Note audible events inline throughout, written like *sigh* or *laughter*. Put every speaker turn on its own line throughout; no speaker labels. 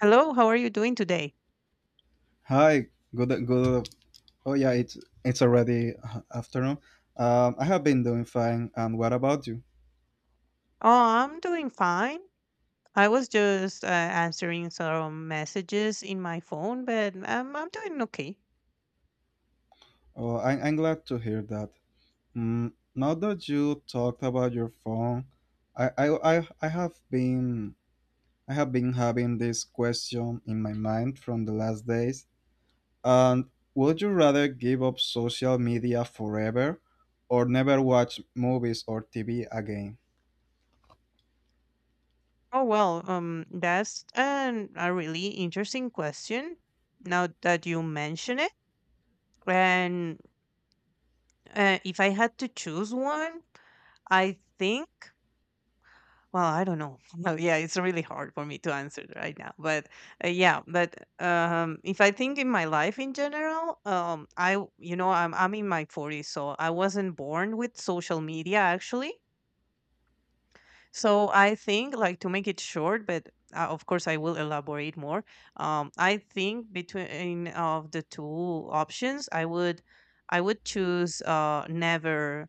Hello, how are you doing today?
Hi, good, good. Oh yeah, it's already afternoon. I have been doing fine. And what about you?
Oh, I'm doing fine. I was just answering some messages in my phone, but I'm doing okay.
Oh, I'm glad to hear that. Mm, now that you talked about your phone, I have been I have been having this question in my mind from the last days. And would you rather give up social media forever, or never watch movies or TV again?
Oh well, that's a really interesting question. Now that you mention it, and if I had to choose one, I think. Well, I don't know. *laughs* Well, yeah, it's really hard for me to answer right now. But if I think in my life in general, I w- you know I'm in my forties, so I wasn't born with social media actually. So I think, like, to make it short, but of course I will elaborate more. I think between of the two options, I would choose never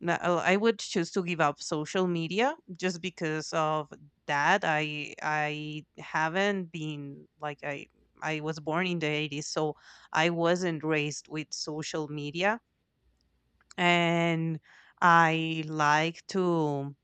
no, oh, I would choose to give up social media just because of that. I haven't been like I was born in the 80s, so I wasn't raised with social media and I like to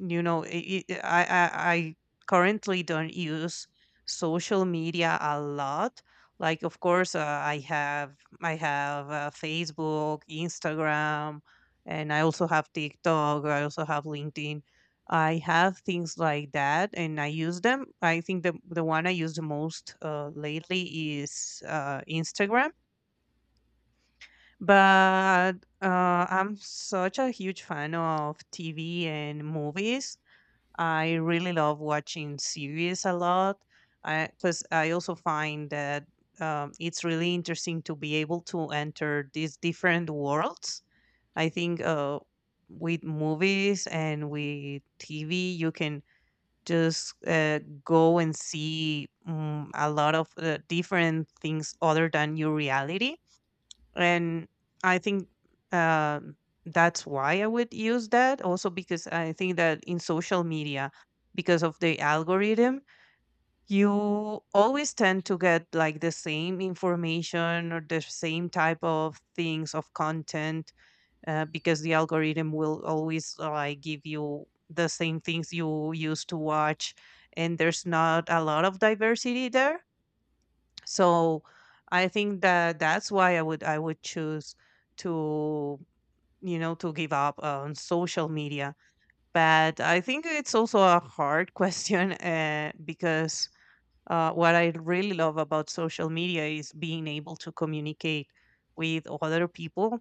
you know, I currently don't use social media a lot. Like, of course, i have I have Facebook, Instagram, and I also have TikTok, I also have LinkedIn, I have things like that, and I use them. I think the one I use the most lately is Instagram. But I'm such a huge fan of TV and movies. I really love watching series a lot, because I 'cause I also find that it's really interesting to be able to enter these different worlds. I think with movies and with TV, you can just go and see, a lot of different things other than your reality. And I think, um, that's why I would use that, also because I think that in social media, because of the algorithm, you always tend to get like the same information or the same type of things, of content, because the algorithm will always like give you the same things you used to watch, and there's not a lot of diversity there. So I think that that's why I would choose to, you know, to give up on social media. But I think it's also a hard *laughs* question, because what I really love about social media is being able to communicate with other people,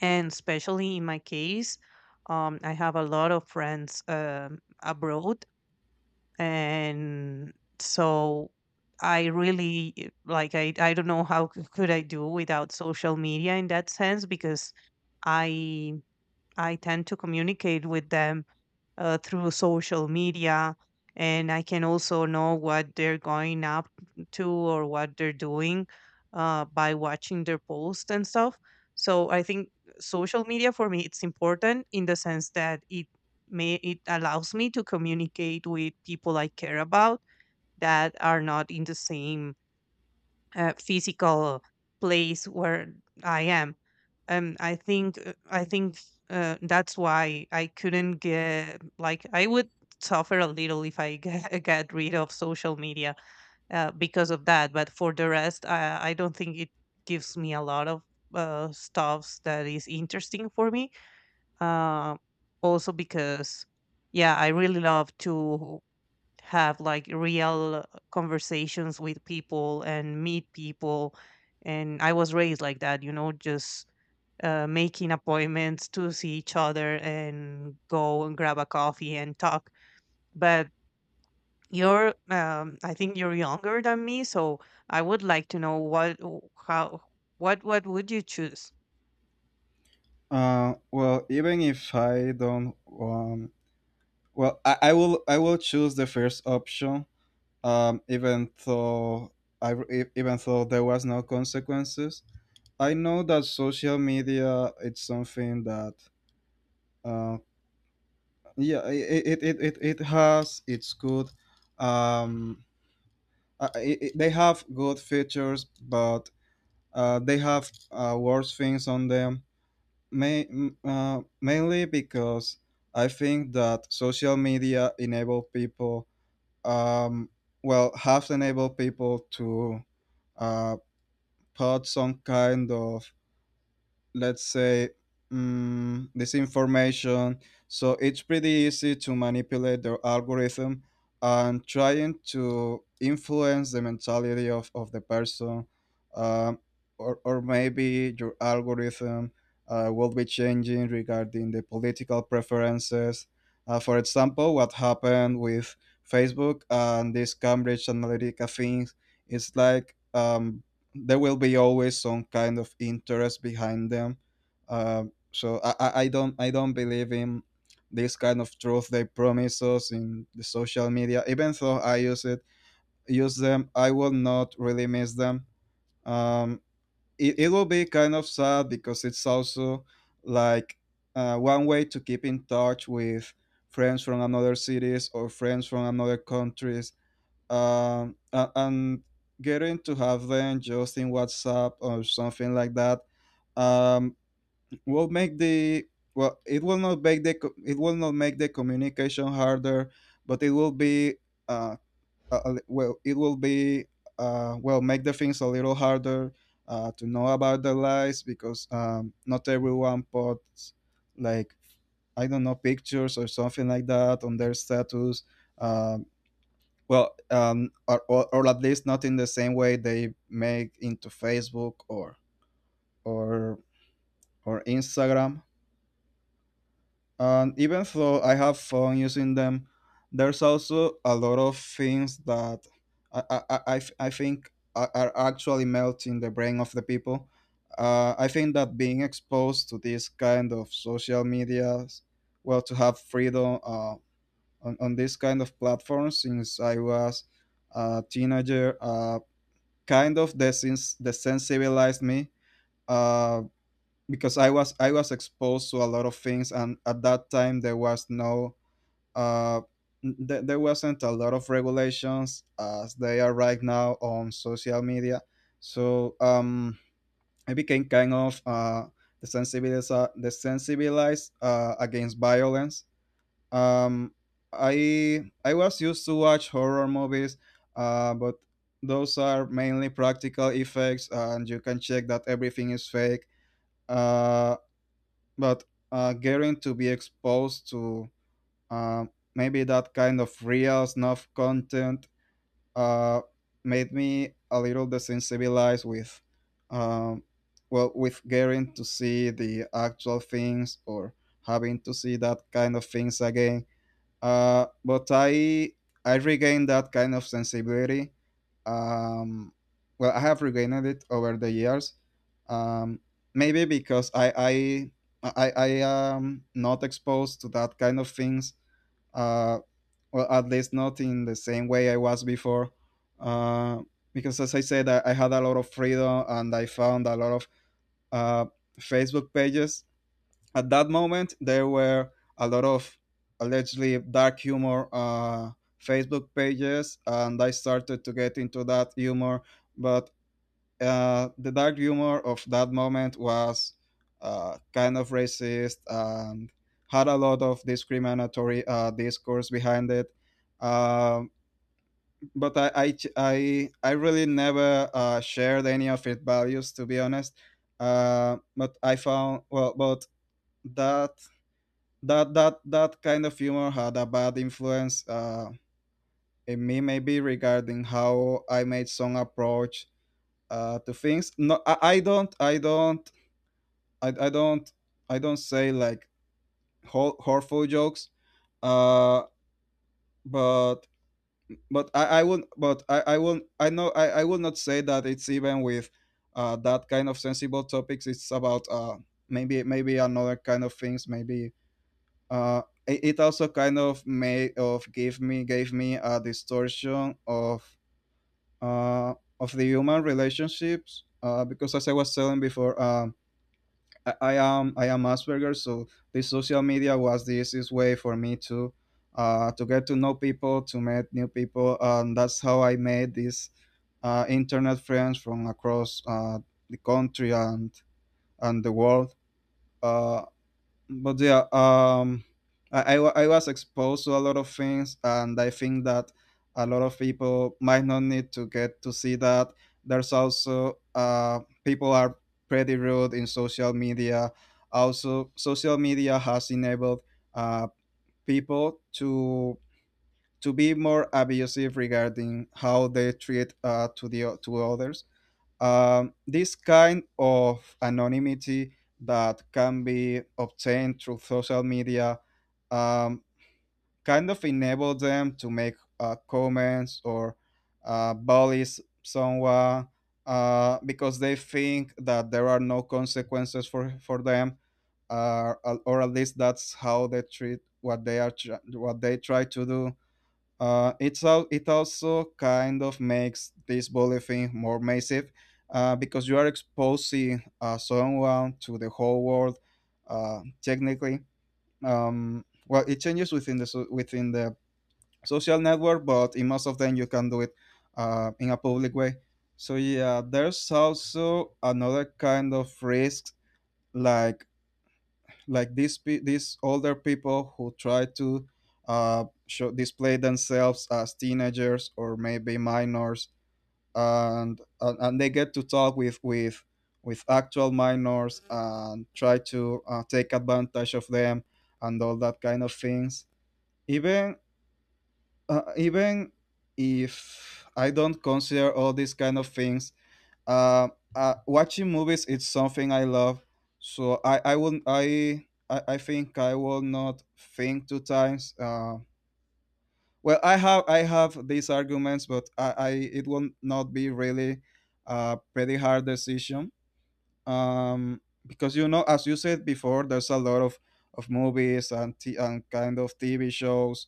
and especially in my case, I have a lot of friends, abroad. And so I really, like, I don't know how could I do without social media in that sense, because i I tend to communicate with them through social media, and I can also know what they're going up to, or what they're doing, by watching their posts and stuff. So I think social media for me, it's important in the sense that it allows me to communicate with people I care about that are not in the same physical place where I am. I think that's why I couldn't get, like, I would suffer a little if I get, *laughs* get rid of social media, because of that. But for the rest, I don't think it gives me a lot of stuffs that is interesting for me. uh, Also because, yeah, I really love to have like real conversations with people and meet people, and I was raised like that, you know, just making appointments to see each other and go and grab a coffee and talk. But you're, I think you're younger than me, so I would like to know what w- how what would you choose.
Well, even if I don't um, well, I will choose the first option, even though I even though there was no consequences. I know that social media it's something that uh, yeah it has its good um, I they have good features, but they have worse things on them. Mainly because I think that social media enable people um, well have enabled people to uh, put some kind of, let's say, this information, so it's pretty easy to manipulate their algorithm and trying to influence the mentality of the person. um, or maybe your algorithm will be changing regarding the political preferences. For example, what happened with Facebook and this Cambridge Analytica thing is like, there will be always some kind of interest behind them. So, I don't believe in this kind of truth they promise us in the social media. Even though I use it use them, I will not really miss them. Um, it will be kind of sad because it's also like one way to keep in touch with friends from another cities or friends from another countries, and getting to have them just in WhatsApp or something like that um, will make the well, it will not make it will not make the communication harder, but it will be uh, well, it will be well, make the things a little harder to know about their lives because not everyone puts, like, I don't know, pictures or something like that on their status um. Well, or at least not in the same way they make into Facebook or or Instagram. And even though I have fun using them, there's also a lot of things that I I think are actually melting the brain of the people. I think that being exposed to this kind of social media, well, to have freedom on this kind of platforms since I was a teenager. Kind of desensibilized me uh, because I was exposed to a lot of things, and at that time there was no uh, there wasn't a lot of regulations as they are right now on social media. So I became kind of desensibilized, desensibilized against violence. um, I was used to watch horror movies, but those are mainly practical effects, and you can check that everything is fake. Uh, but Getting to be exposed to uh, maybe that kind of real snuff content uh, made me a little desensibilized with, um, well, with getting to see the actual things or having to see that kind of things again, but I regained that kind of sensibility. Um, well, I have regained it over the years. Um, Maybe because I am not exposed to that kind of things. Uh, well, at least not in the same way I was before. Uh, because as I said, I had a lot of freedom and I found a lot of uh, Facebook pages. At that moment there were a lot of allegedly dark humor Facebook pages, and I started to get into that humor. But the dark humor of that moment was kind of racist and had a lot of discriminatory discourse behind it. um, but, I really never shared any of its values, to be honest. But I found, well, but that that that kind of humor had a bad influence in me, maybe regarding how I made some approach to things. No, I, I don't I don't I, I don't I don't say like horrible jokes, uh but but I would but I will I know I would not say that it's even with that kind of sensible topics. It's about maybe another kind of things. Maybe it also kind of made of give me gave me a distortion uh, of the human relationships, because as I was telling before, I am Asperger, so the social media was the easiest way for me to get to know people, to meet new people, and that's how I made these internet friends from across the country and the world. Uh, but yeah, I was exposed to a lot of things, and I think that a lot of people might not need to get to see that. There's also people are pretty rude in social media. Also, social media has enabled uh people to be more abusive regarding how they treat to others. This kind of anonymity that can be obtained through social media um, kind of enable them to make comments or bully someone because they think that there are no consequences for them, uh, or at least that's how they treat what they are what they try to do. It also kind of makes this bullying more massive, because you are exposing someone to the whole world. Technically, well, it changes within within the social network, but in most of them you can do it in a public way. So yeah, there's also another kind of risk, like like these these older people who try to show display themselves as teenagers or maybe minors, and they get to talk with actual minors and try to take advantage of them, and all that kind of things. Even even if I don't consider all these kind of things, uh, watching movies is something I love. So I think I will not think two times. Well, I have these arguments, but I, it will not be really a pretty hard decision, because you know, as you said before, there's a lot of movies and and kind of TV shows.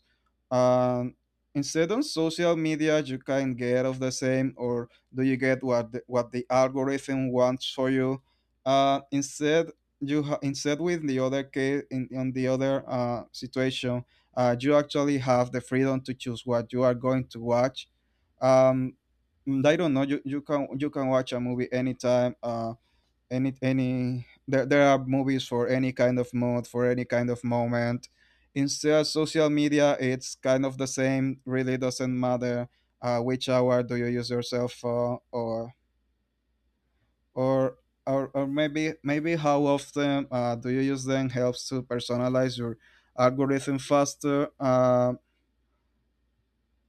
Um, Instead on social media, you can get of the same, or do you get what what the algorithm wants for you? Instead, instead with the other case in on the other situation, you actually have the freedom to choose what you are going to watch. Um, I don't know. You can watch a movie anytime. Any there are movies for any kind of mood for any kind of moment. Instead, social media, it's kind of the same, really doesn't matter which hour do you use your cell phone, or or maybe maybe how often do you use them helps to personalize your algorithm faster.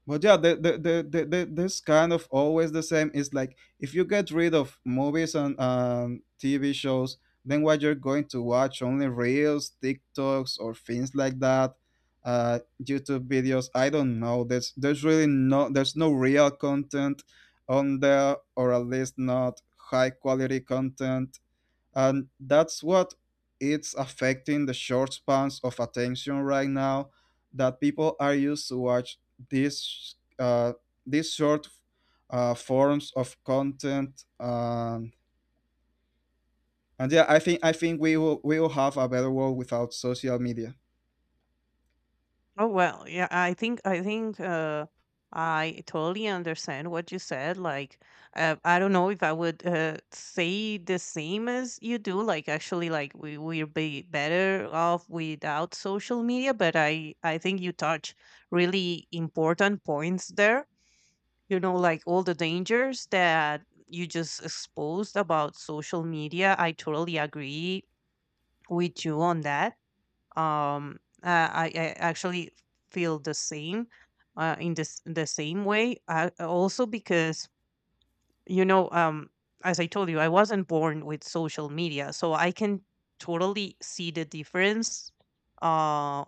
But yeah, this kind of always the same is like, if you get rid of movies and TV shows, then what you're going to watch, only reels, TikToks, or things like that, YouTube videos. I don't know. There's really there's no real content on there, or at least not high quality content. And that's what it's affecting the short spans of attention right now, that people are used to watch these uh, these short forms of content. And yeah, I think we will have a better world without social media.
Oh well, yeah, I think I totally understand what you said. Like I don't know if I would say the same as you do. Like, actually, like, we'll be better off without social media, but I think you touch really important points there. You know, like all the dangers that you just exposed about social media. I totally agree with you on that. I actually feel the same in this the same way, also because, you know, as I told you, I wasn't born with social media, so I can totally see the difference uh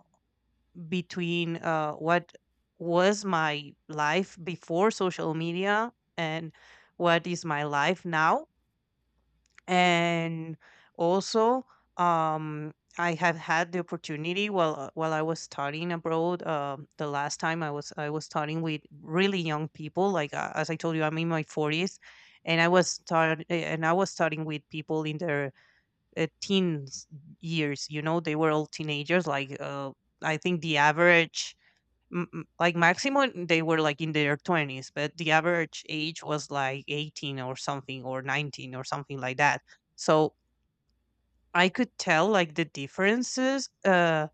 between what was my life before social media, and what is my life now. And also, I have had the opportunity while, while I was studying abroad. The last time I was studying with really young people, like, as I told you, I'm in my 40s, and I was start eh, and I was studying with people in their teens years. You know, they were all teenagers. Like, I think the average, like maximum, they were like in their 20s, but the average age was like 18 or something, or 19 or something like that. So I could tell like the differences,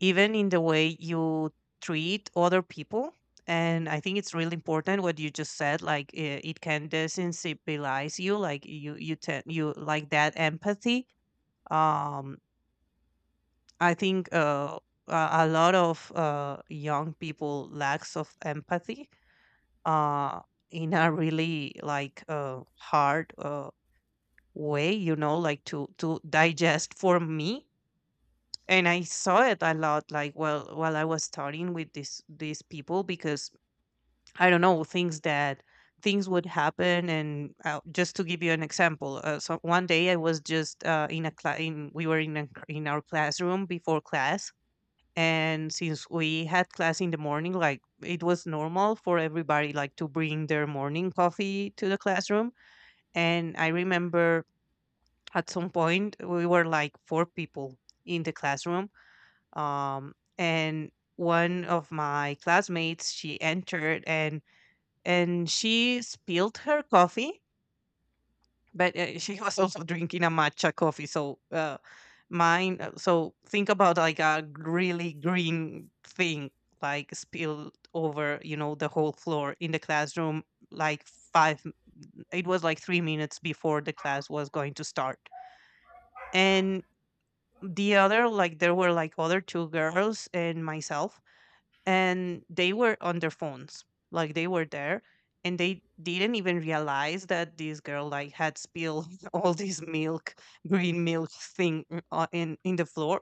even in the way you treat other people. And I think it's really important what you just said, like it can desensibilize you, like you tend, you like that empathy. Um i think uh a lot of young people lacks of empathy, uh in a really hard way, you know, like to digest for me. And I saw it a lot, like, well, while I was studying with this these people, because I don't know, things would happen, and just to give you an example, so one day I was just, in a cla in we were in a, in our classroom before class. And since we had class in the morning, like, it was normal for everybody, like, to bring their morning coffee to the classroom. And I remember at some point we were like four people in the classroom. um and one of my classmates, she entered, and she spilled her coffee. But she was also drinking a matcha coffee, so mine so think about, like, a really green thing, like, spilled over, you know, the whole floor in the classroom. Like, five it was like 3 minutes before the class was going to start. And the other, like, there were like other two girls and myself, and they were on their phones. Like, they were there, and they didn't even realize that this girl like had spilled *laughs* all this milk, green milk thing, in the floor.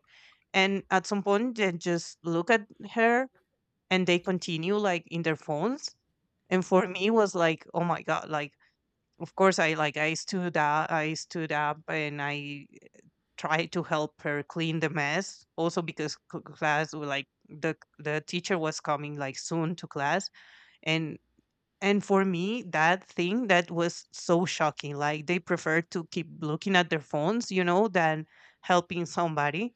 And at some point they just look at her, and they continue, like, in their phones. And for me it was like, oh my god, like, of course, I stood up, I stood up and I try to help her clean the mess, also because class were like, the teacher was coming, like, soon to class. And and for me that thing that was so shocking, like, they prefer to keep looking at their phones, you know, than helping somebody.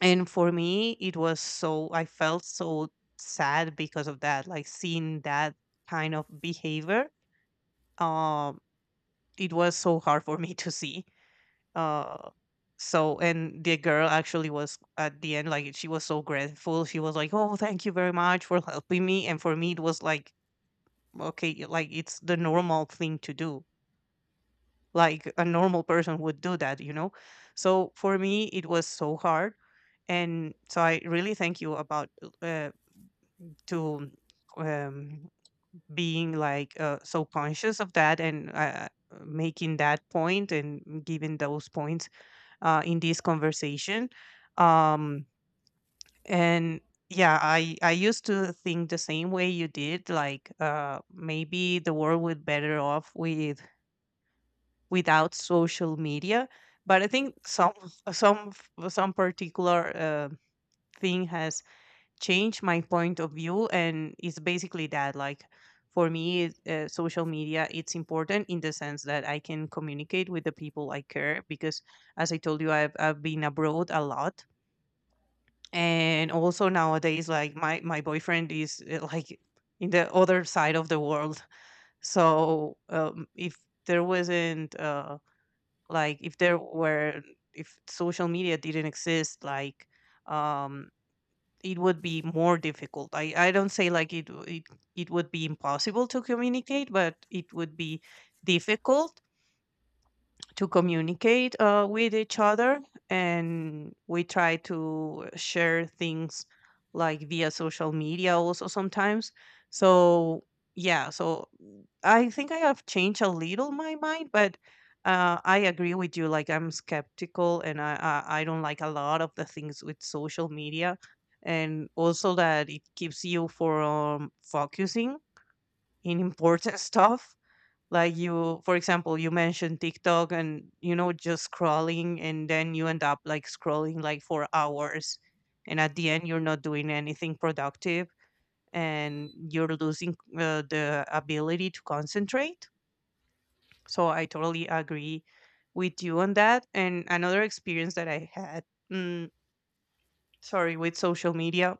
And for me it was so, I felt so sad because of that, like, seeing that kind of behavior. um it was so hard for me *laughs* to see. Uh, so, and the girl actually was at the end, like, she was so grateful. She was like, "Oh, thank you very much for helping me." And for me it was like, okay, like, it's the normal thing to do. Like, a normal person would do that, you know. So for me it was so hard, and so I really thank you about uh, to um, being, like, so conscious of that, and making that point and giving those points in this conversation. Um, and yeah, I used to think the same way you did. Like, maybe the world would better off with, without social media. But I think some some particular thing has changed my point of view, and it's basically that, like, for me, social media it's important in the sense that I can communicate with the people I care because, as I told you, I've been abroad a lot. And also nowadays, like, my boyfriend is, like, in the other side of the world. So if there wasn't like, if there were if social media didn't exist, like, um it would be more difficult. I don't say like it would be impossible to communicate, but it would be difficult to communicate with each other. And we try to share things like via social media also sometimes. So yeah, so I think I have changed a little my mind. But I agree with you. Like, I'm skeptical and I don't like a lot of the things with social media, and also that it keeps you from focusing in important *laughs* stuff. Like, you, for example, you mentioned TikTok, and, you know, just scrolling, and then you end up like scrolling like for hours, and at the end you're not doing anything productive, and you're losing the ability to concentrate. So I totally agree with you on that. And another experience that I had, mm, sorry, with social media,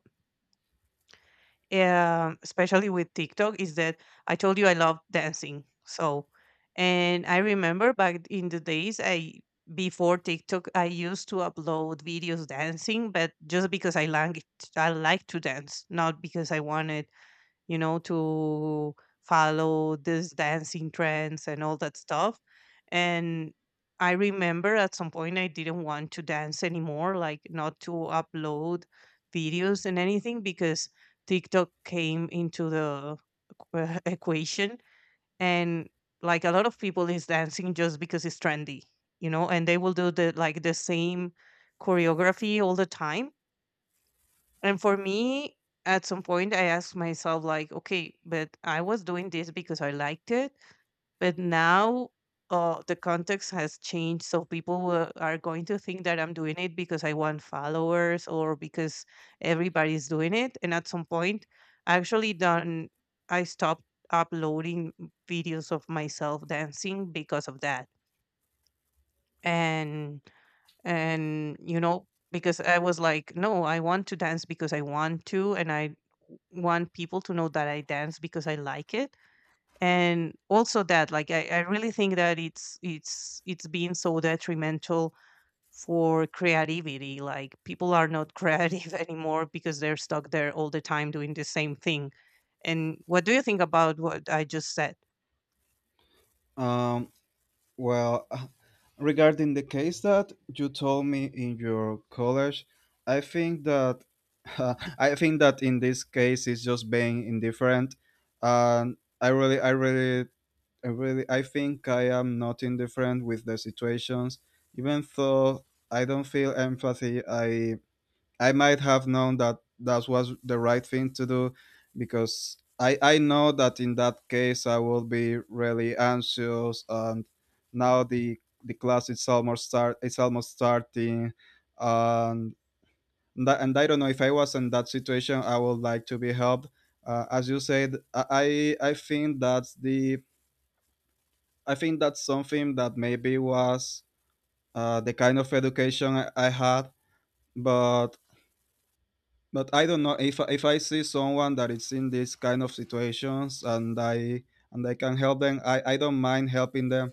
especially with TikTok, is that I told you I love dancing. So, and I remember back in the days, I, before TikTok, I used to upload videos dancing, but just because I like, I like to dance, not because I wanted, you know, to follow these dancing trends and all that stuff. And I remember at some point I didn't want to dance anymore, like, not to upload videos and anything because TikTok came into the equ- *laughs* equation. And like a lot of people is dancing just because it's trendy, you know, and they will do the, like, the same choreography all the time. And for me, at some point, I asked myself, like, okay, but I was doing this because I liked it. But now, the context has changed. So people will, are going to think that I'm doing it because I want followers or because everybody's doing it. And at some point, I actually done, I stopped uploading videos of myself dancing because of that. And and you know, because I was like, no, I want to dance because I want to, and I want people to know that I dance because I like it. And also that, like, I really think that it's been so detrimental for creativity. Like, people are not creative *laughs* anymore because they're stuck there all the time doing the same thing. And what do you think about what I just said?
Um, Well, *laughs* regarding the case that you told me in your college, I think that *laughs* I think that in this case it's just being indifferent. And I think I am not indifferent with the situations, even though I don't feel empathy. I might have known that that was the right thing to do because I know that in that case I will be really anxious and now the class is almost start it's almost starting and and I don't know if I was in that situation I would like to be helped as you said I think that's the I think that's something that maybe was the kind of education I had but But I don't know if I see someone that is in this kind of situations and I can help them, I don't mind helping them.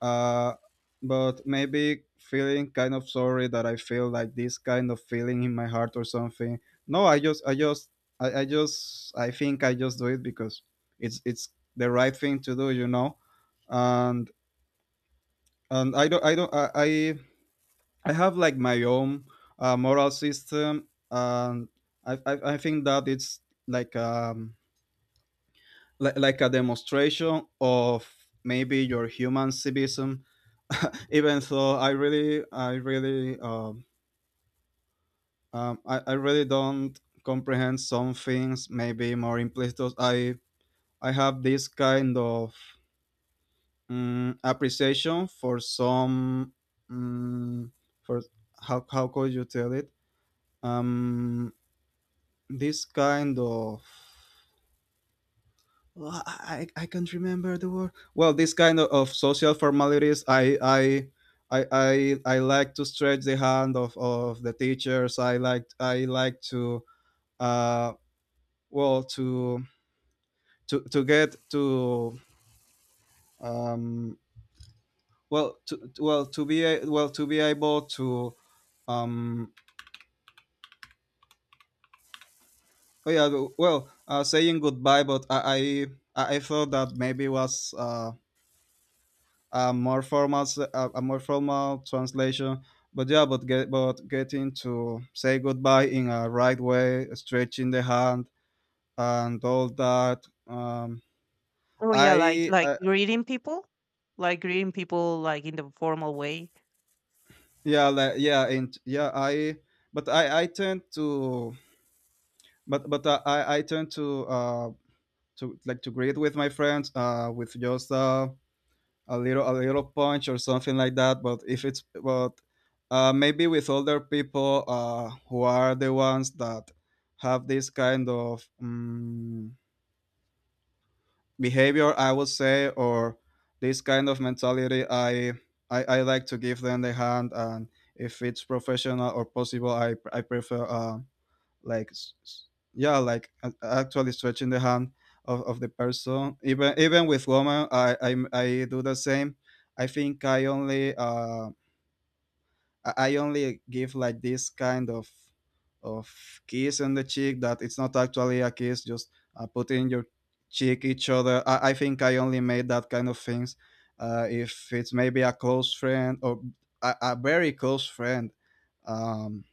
Uh, but maybe feeling kind of sorry that I feel like this kind of feeling in my heart or something. No, I just I think I just do it because it's the right thing to do. And and I don't I don't I have like my own moral system, and I think that it's like um like a demonstration of maybe your human civism. Even though I really don't comprehend some things maybe more implicit. I have this kind of appreciation for some mm for how could you tell it, um this kind of, well, I, I can't remember the word. Well, this kind of social formalities, I I like to stretch the hand of the teachers. I like to, uh well, to get to, um well, well to be able to, um oh yeah, well, saying goodbye, but I i thought that maybe was a more formal translation, but yeah, but getting to say goodbye in a right way, stretching the hand and all that.
Oh yeah, like,
I,
greeting people, like in the formal way.
yeah, like, yeah, and yeah, I tend to, but I tend to, like to greet with my friends with just a little punch or something like that. But if it's, but maybe with older people who are the ones that have this kind of behavior, I would say, or this kind of mentality, I like to give them the hand, and if it's professional or possible, I prefer. Like s- s- yeah, like, actually stretching the hand of the person, even with women, I do the same. I think i only uh i I only give like this kind of kiss on the cheek that it's not actually a kiss, just putting your cheek each other. I think I only made that kind of things if it's maybe a close friend or a very close friend, um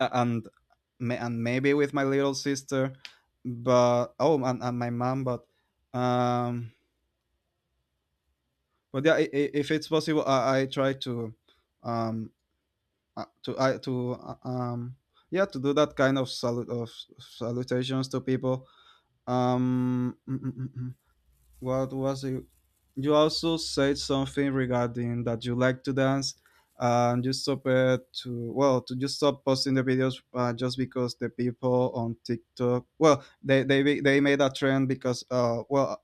and and maybe with my little sister, but oh, and my mom. But um, yeah, if it's possible, I try to, um to I to yeah, to do that kind of salute of salutations to people. Um, mm, mm, mm, mm. What was it? You also said something regarding that you like to dance and you stop it to, well, to just stop posting the videos, just because the people on TikTok, well, they made a trend because, uh well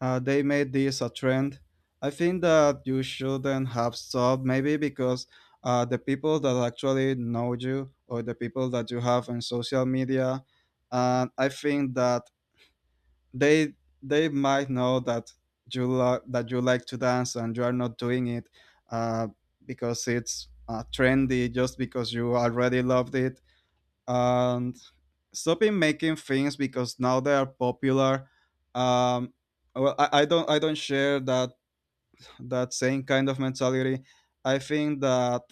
uh, they made this a trend. I think that you shouldn't have stopped, maybe because, the people that actually know you, or the people that you have on social media, and I think that they they might know that that you like to dance and you are not doing it uh, because it's trendy, just because you already loved it, and stopping making things because now they are popular. Um, well I don't share that that same kind of mentality. I think that,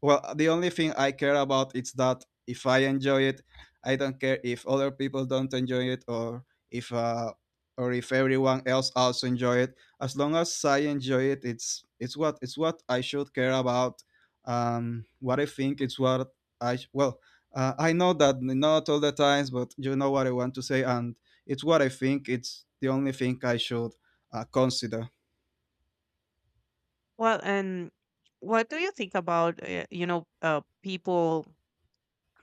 well, the only thing I care about is that if I enjoy it, I don't care if other people don't enjoy it, or if everyone else also enjoy it. As long as I enjoy it, it's what I should care about. What I think it's what I sh- well. I know that not all the times, but you know what I want to say, and it's what I think. It's the only thing I should consider.
Well, and what do you think about, you know, people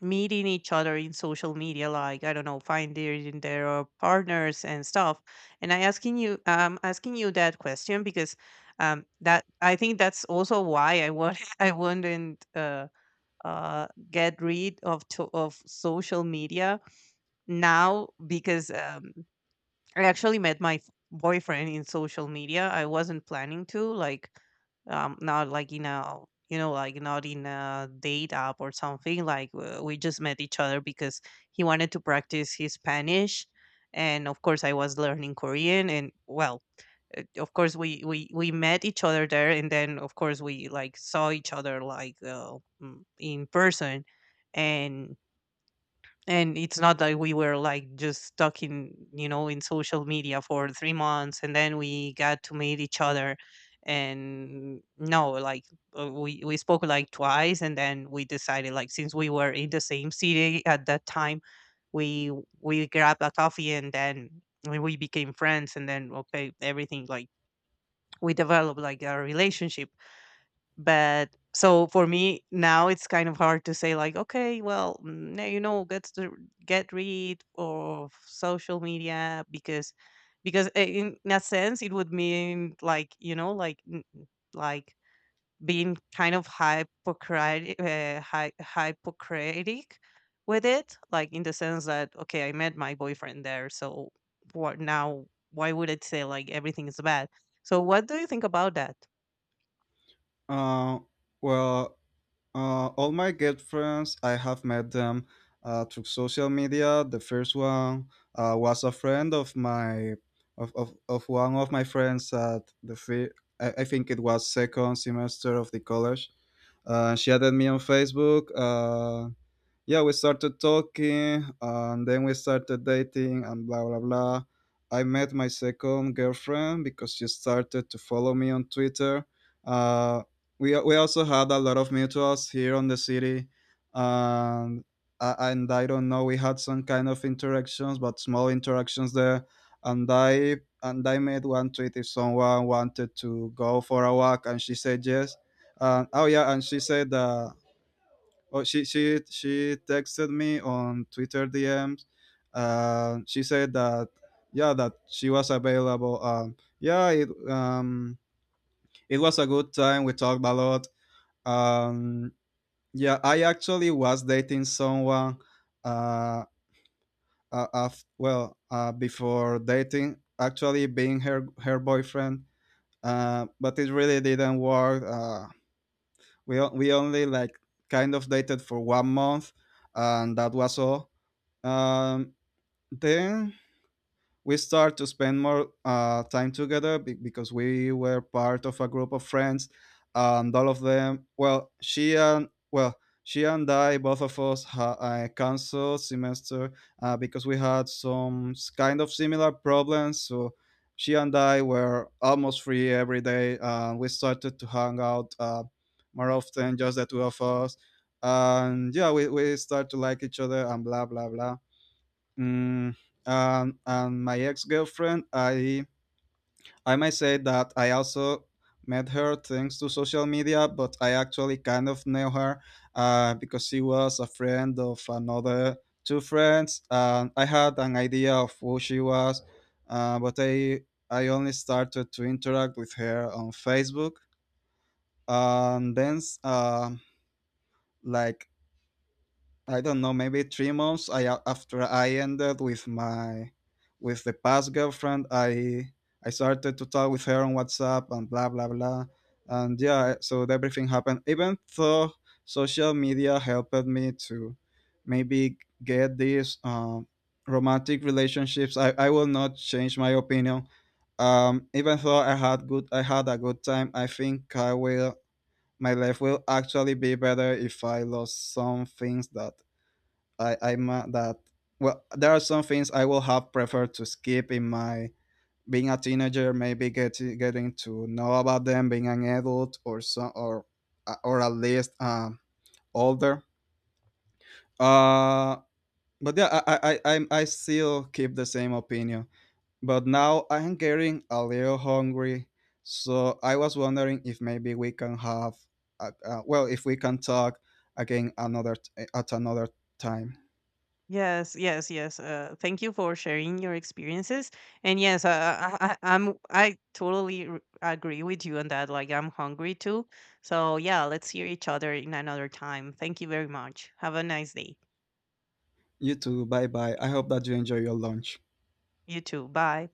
meeting each other in social media, like, I don't know, finding their partners and stuff? And I asking you that question because that I think that's also why I want *laughs* I wouldn't get rid of to, of social media now, because I actually met my boyfriend in social media. I wasn't planning to, like, not like in a, you know, like not in a date app or something. Like, we just met each other because he wanted to practice his Spanish, and of course I was learning Korean, and well, of course we met each other there, and then, of course, we, like, saw each other, like, in person. and and it's not that we were like just stuck in, you know, in social media for 3 months and then we got to meet each other. And no, like, we spoke like twice, and then we decided, like, since we were in the same city at that time, we we grabbed a coffee, and then we became friends, and then okay, everything, like, we developed like a relationship. But so for me now it's kind of hard to say, like, okay, well, now, you know, get rid of social media, because in a sense it would mean, like, you know, like, like being kind of hypocritic, hypocritic with it, like, in the sense that, okay, I met my boyfriend there. So what now? Why would it say like everything is bad? So what do you think about that?
Uh, well, all my girlfriends, I have met them through social media. The first one was a friend of my of one of my friends at I think it was second semester of the college. She added me on Facebook. Yeah, we started talking and then we started dating and blah blah blah. I met my second girlfriend because she started to follow me on Twitter. Uh, we we also had a lot of mutuals here on the city, and and I don't know, we had some kind of interactions, but small interactions there. And I made one tweet if someone wanted to go for a walk, and she said yes. And oh yeah, and she said that Oh, she texted me on Twitter DMs. She said that, yeah, that she was available. Yeah, it was a good time. We talked a lot. Um, yeah, I actually was dating someone. Uh, Before dating, actually being her boyfriend. But it really didn't work. We only like kind of dated for 1 month, and that was all. Um, then we start to spend more time together because we were part of a group of friends, and all of them. She and I, both of us, canceled semester because we had kind of similar problems. So she and I were almost free every day, and we started to hang out more often, just the two of us. And yeah, we start to like each other and blah blah blah. Mm, and and my ex girlfriend, I might say that I also met her thanks to social media, but I actually kind of knew her, because she was a friend of another two friends, and I had an idea of who she was. But I only started to interact with her on Facebook, and then s- like I don't know, maybe 3 months. I After I ended with my, with the past girlfriend, I started to talk with her on WhatsApp and blah blah blah, and yeah, so everything happened. Even though social media helped me to maybe get these romantic relationships, I will not change my opinion. Even though I had a good time, I think I will. My life will actually be better if I lost some things that I, I'm that well, there are some things I will have preferred to skip in my being a teenager, maybe getting to know about them being an adult or so, or at least older. Uh, but yeah, I still keep the same opinion. But now I'm getting a little hungry, so I was wondering if maybe we can have, well, if we can talk again at another time.
Yes, yes, yes. Thank you for sharing your experiences. And yes, I'm, I totally agree with you on that. Like, I'm hungry too. So yeah, let's hear each other in another time. Thank you very much. Have a nice day.
You too. Bye bye. I hope that you enjoy your lunch.
You too. Bye.